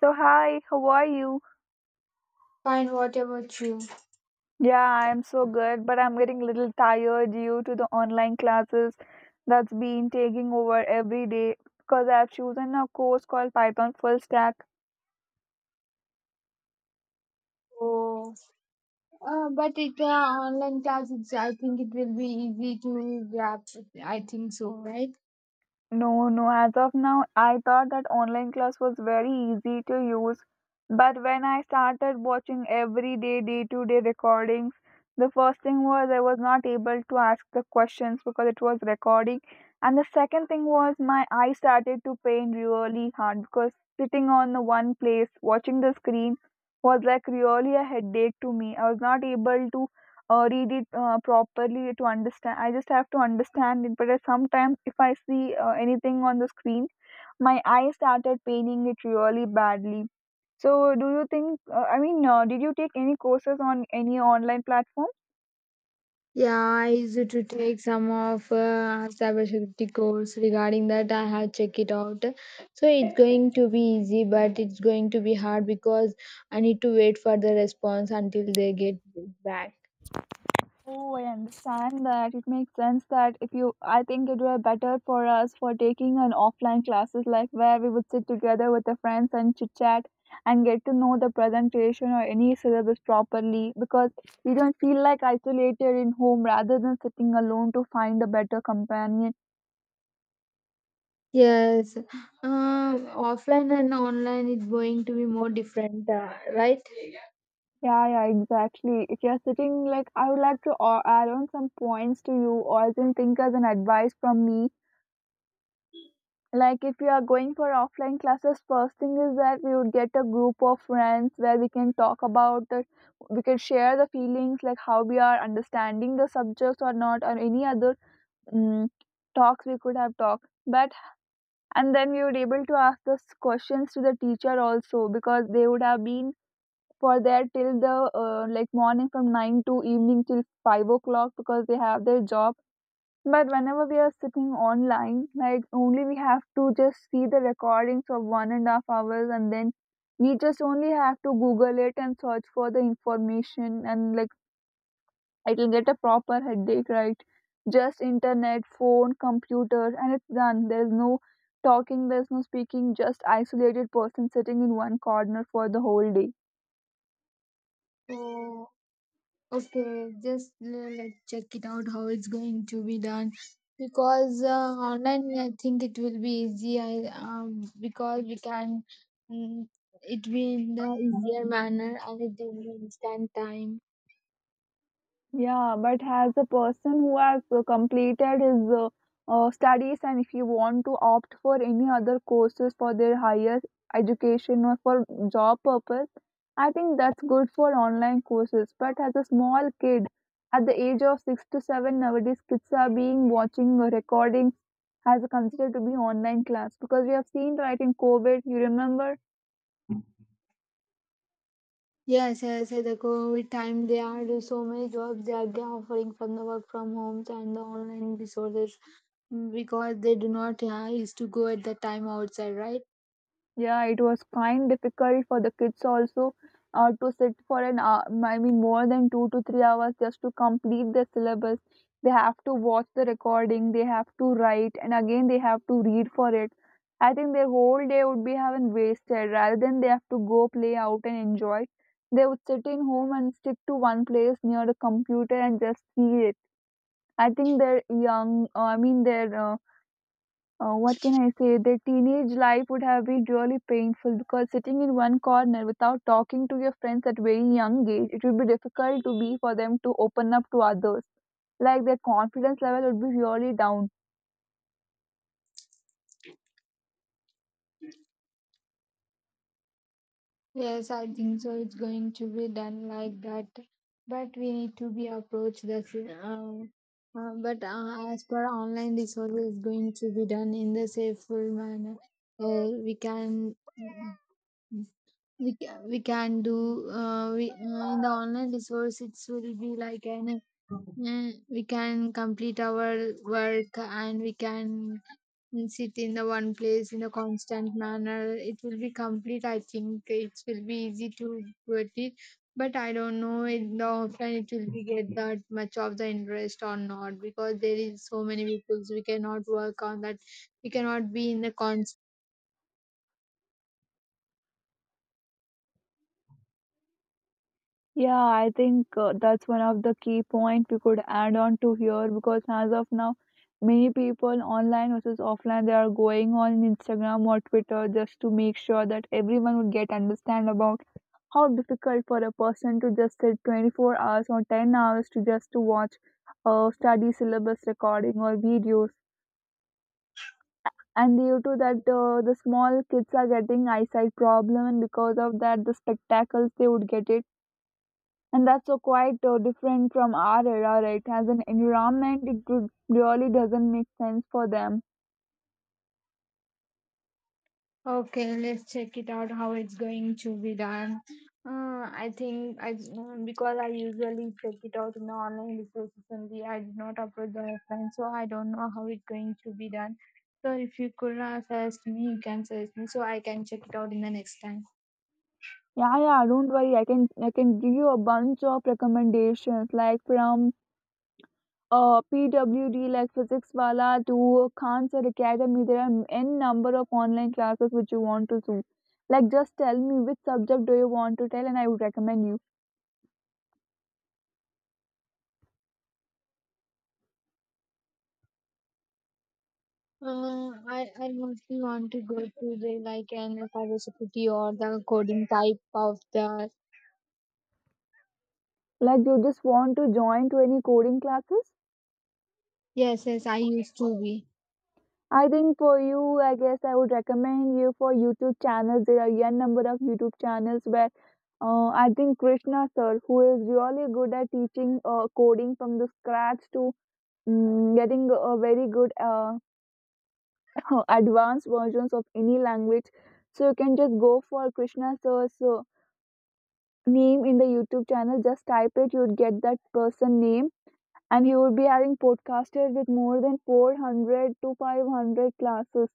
So, hi, how are you? Fine, what about you? Yeah, I'm so good, but I'm getting a little tired due to the online classes that's been taking over every day because I've chosen a course called Python Full Stack. Oh, but it online classes. I think it will be easy to grab. I think so, right? No, no, as of now, I thought that online class was very easy to use. But when I started watching every day, day to day recordings, the first thing was I was not able to ask the questions because it was recording. And the second thing was my eye started to pain really hard because sitting on the one place watching the screen was like really a headache to me. I was not able to read it properly to understand. I just have to understand it. But sometimes, if I see anything on the screen, my eye started paining it really badly. So, do you think? Did you take any courses on any online platform? Yeah, I used to take some of cybersecurity course regarding that. I have checked it out, so it's going to be easy, but it's going to be hard because I need to wait for the response until they get back. Oh, I understand that. It makes sense that if you, I think it were better for us for taking an offline classes like where we would sit together with the friends and chit chat and get to know the presentation or any syllabus properly because we don't feel like isolated in home rather than sitting alone to find a better companion. Yes, offline and online is going to be more different, right? Yeah, yeah, exactly. If you're sitting like, I would like to add on some points to you or as in think as an advice from me, like if we are going for offline classes, first thing is that we would get a group of friends where we can talk about the, we can share the feelings like how we are understanding the subjects or not or any other mm talks we could have talked. But and then we would able to ask those questions to the teacher also, because they would have been for there till the like morning from 9 to evening till 5 o'clock because they have their job. But whenever we are sitting online, like only we have to just see the recordings of 1.5 hours and then we just only have to Google it and search for the information, and like it'll get a proper headache, right? Just internet, phone, computer, and it's done. There's no talking, there's no speaking, just isolated person sitting in one corner for the whole day. Oh, okay, let's check it out how it's going to be done. Because online, I think it will be easy. I because we can mm, it be in the easier manner, and it will be instant time. Yeah, but as a person who has completed his studies, and if you want to opt for any other courses for their higher education or for job purpose, I think that's good for online courses. But as a small kid, at the age of six to seven, nowadays kids are being watching recordings as considered to be online class because we have seen right in COVID. You remember? Yes, yes, yes, the COVID time they are do so many jobs, they are offering from the work from homes and the online resources, because they do not used to go at the time outside, right? Yeah, it was kind difficult for the kids also, to sit for an hour, I mean more than 2 to 3 hours just to complete the syllabus. They have to watch the recording, they have to write, and again they have to read for it. I think their whole day would be having wasted. Rather than they have to go play out and enjoy, they would sit in home and stick to one place near the computer and just see it. I think their young, their what can I say? Their teenage life would have been really painful because sitting in one corner without talking to your friends at very young age, it would be difficult to be for them to open up to others. Like their confidence level would be really down. Yes, I think so. It's going to be done like that, but we need to be approached but as per online resources, going to be done in the safer manner. We can we can do in the online resource it will be like an, we can complete our work, and we can and sit in the one place in a constant manner, it will be complete. I think it will be easy to get it, but I don't know in the offline it will be get that much of the interest or not, because there is so many people we cannot work on that, we cannot be in the constant. Yeah, I think that's one of the key point we could add on to here, because as of now, many people online versus offline, they are going on Instagram or Twitter just to make sure that everyone would get understand about how difficult for a person to just sit 24 hours or 10 hours to just to watch study syllabus recording or videos, and due to that the small kids are getting eyesight problem, and because of that the spectacles they would get it. And that's so quite different from our era, right? As an environment, really doesn't make sense for them. Okay, let's check it out how it's going to be done. I think because I usually check it out in the online resources only. I do not upload the offline, so I don't know how it's going to be done. So if you could suggest me, you can suggest me so I can check it out in the next time. Yeah, yeah, don't worry. I can give you a bunch of recommendations, like from PWD, like physics wala, to Khan's Academy. There are n number of online classes which you want to do. Like, just tell me which subject do you want to tell, and I would recommend you. I mostly want to go to the like an cybersecurity or the coding type of the, Like, you just want to join to any coding classes? yes, yes, I used to be. I think for you, I guess I would recommend you for YouTube channels. There are a number of YouTube channels where I think Krishna sir, who is really good at teaching coding from the scratch to getting a very good advanced versions of any language. So you can just go for Krishna sir's name in the YouTube channel. Just type it, you'd get that person name, and you would be having podcasted with more than 400 to 500 classes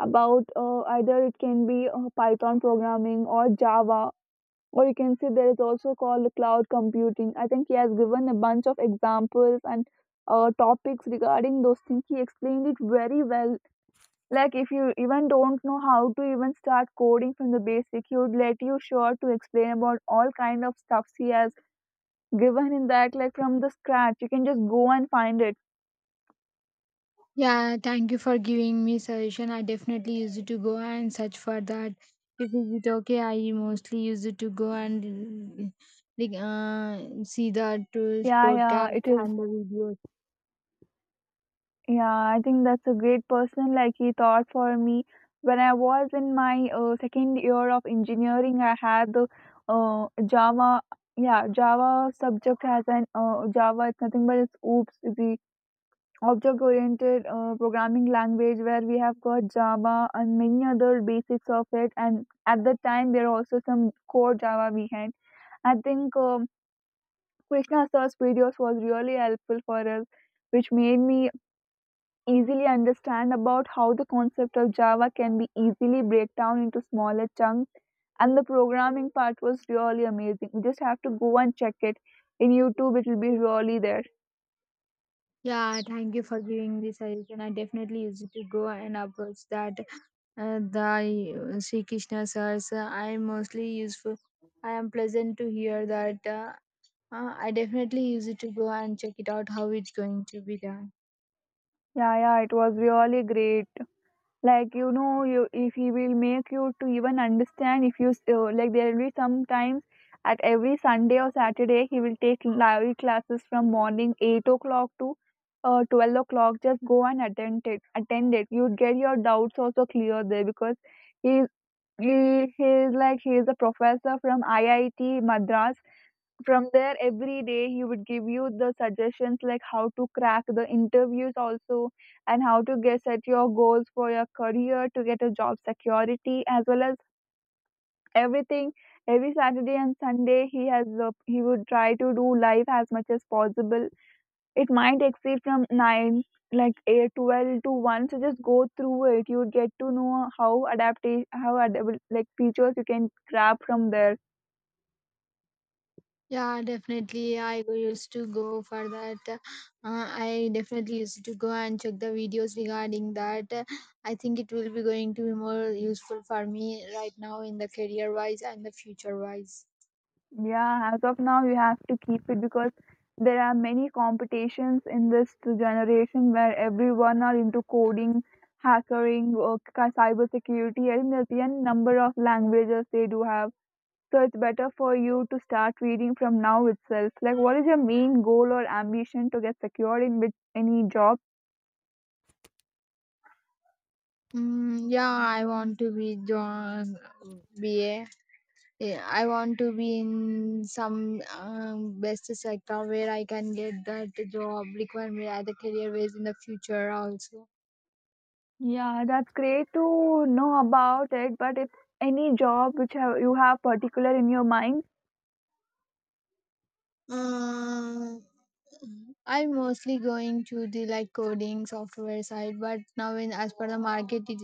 about either it can be python programming or java, or you can say there is also called cloud computing. I think he has given a bunch of examples and topics regarding those things. He explained it very well. Like if you even don't know how to even start coding from the basic, he would let you sure to explain about all kind of stuffs he has given in that. Like from the scratch you can just go and find it. Yeah, thank you for giving me suggestion. I definitely use it to go and search for that. If is it okay, I mostly use it to go and like, see the tools, Yeah, yeah, podcast it is. and the videos. Yeah, I think that's a great person. Like he thought for me when I was in my second year of engineering. I had the Java, yeah, Java subject as an Java. It's nothing but it's OOPS, the object-oriented programming language where we have got Java and many other basics of it. And at the time, there are also some core Java we had. I think Krishna sir's videos was really helpful for us, which made me easily understand about how the concept of Java can be easily break down into smaller chunks. And the programming part was really amazing. You just have to go and check it in YouTube. It will be really there. Yeah, thank you for giving this suggestion. I definitely use it to go and approach that, the Sri Krishna sirs. I mostly useful. I am pleasant to hear that. I definitely use it to go and check it out how it's going to be done. Yeah, yeah, it was really great. Like you know, you, if he will make you to even understand, if you s- like there will be sometimes at every sunday or saturday he will take live classes from morning 8 o'clock to 12 o'clock. Just go and attend it, attend it, you'd get your doubts also clear there because he he he is like he is a professor from iit madras. From there every day he would give you the suggestions like how to crack the interviews also and how to get set your goals for your career to get a job security as well as everything. Every saturday and sunday he has he would try to do live as much as possible. It might exceed from 9, like 8:12 to 1. So just go through it, you would get to know how adapt, how adaptable like features you can grab from there. Yeah, definitely. Used to go for that. I definitely used to go and check the videos regarding that. I think it will be going to be more useful for me right now in the career wise and the future wise. Yeah, as of now, you have to keep it because there are many competitions in this generation where everyone are into coding, hacking, or cyber security. I think there's a number of languages they do have. So it's better for you to start reading from now itself. Like, what is your main goal or ambition to get secured in which any job? Mm, yeah, I want to be John BA. Yeah, I want to be in some best sector where I can get that job requirement as a career wise in the future also. Yeah, that's great to know about it. But if any job which have, you have particular in your mind, Mm. I'm mostly going to the like coding software side, but now in as per the market, it,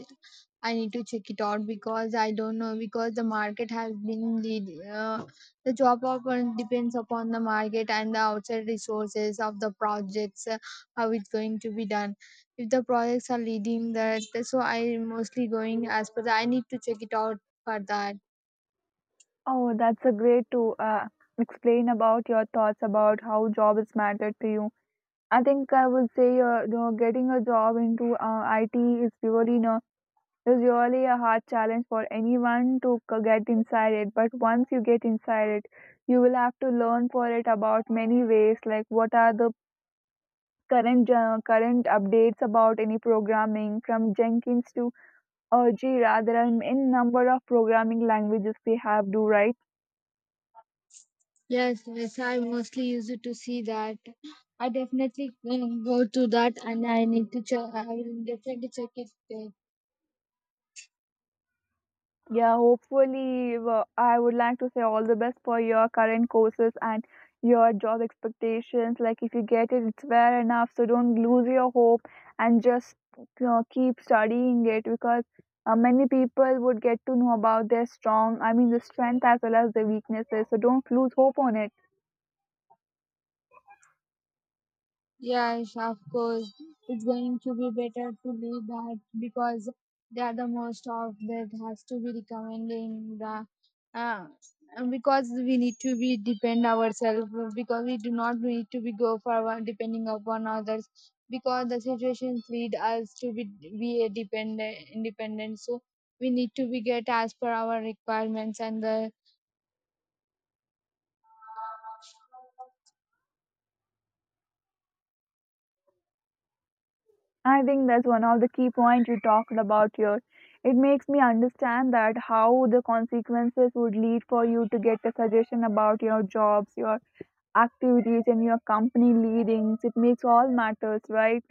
I need to check it out because I don't know, because the market has been lead, the job often depends upon the market and the outside resources of the projects, how it's going to be done. If the projects are leading that, so I'm mostly going as per the, I need to check it out for that. oh, that's a great to explain about your thoughts about how jobs matter to you. I think I would say you know, getting a job into IT is really, you know, is really a hard challenge for anyone to get inside it. But once you get inside it, you will have to learn for it about many ways, like what are the current updates about any programming from Jenkins to Jira. There are n number of programming languages we have to right. Yes, yes, I mostly use it to see that. I definitely will go to that, and I need to check, I will definitely check it. Yeah, hopefully, well, I would like to say all the best for your current courses and your job expectations. Like, if you get it, it's fair enough. So, don't lose your hope, and just you know, keep studying it because many people would get to know about their strong, I mean, the strength as well as the weaknesses. So, don't lose hope on it. Yes, of course. It's going to be better to leave that because they are the most of that has to be recommending the, uh, and because we need to be depend ourselves, because we do not need to be depending upon others, because the situations lead us to be a dependent independent, so we need to be get as per our requirements and the. I think that's one of the key points you talked about here. It makes me understand that how the consequences would lead for you to get a suggestion about your jobs, your activities and your company leadings. It makes all matters, right?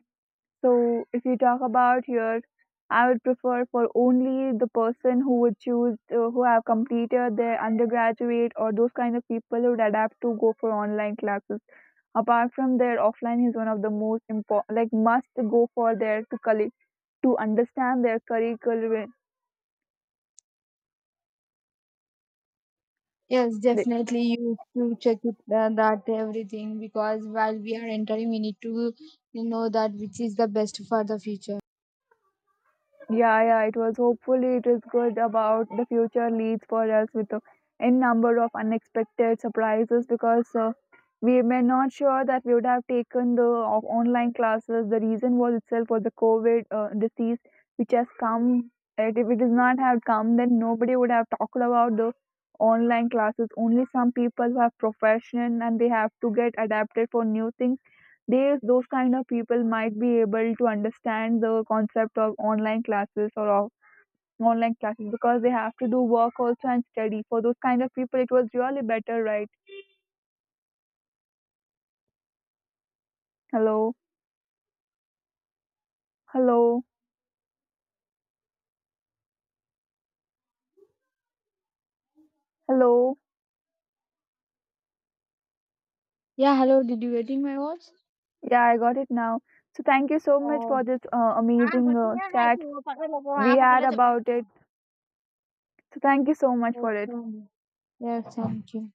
So if you talk about here, I would prefer for only the person who would choose who have completed their undergraduate or those kind of people who would adapt to go for online classes. Apart from their offline is one of the most important, like must go for their to collect to understand their curriculum. Yes, definitely. You to check it that everything, because while we are entering, we need to know that which is the best for the future. Yeah, yeah, it was hopefully it is good about the future leads for us with a n number of unexpected surprises because we were not sure that we would have taken the online classes. The reason was itself for the COVID disease which has come. And if it does not have come, then nobody would have talked about the online classes. Only some people who have profession and they have to get adapted for new things, they, those kind of people might be able to understand the concept of online classes or of online classes because they have to do work also and study. For those kind of people, it was really better, right? Hello, hello, hello. Yeah. Hello. Did you getting my voice? Yeah, I got it now. So thank you so much for this हाँ amazing बस ये है chat कि वो पकड़ लो वो we वहाँ पकड़ had लो तो बैठ about it. जाओ। So thank you so much for it. Okay. Yes. Thank you.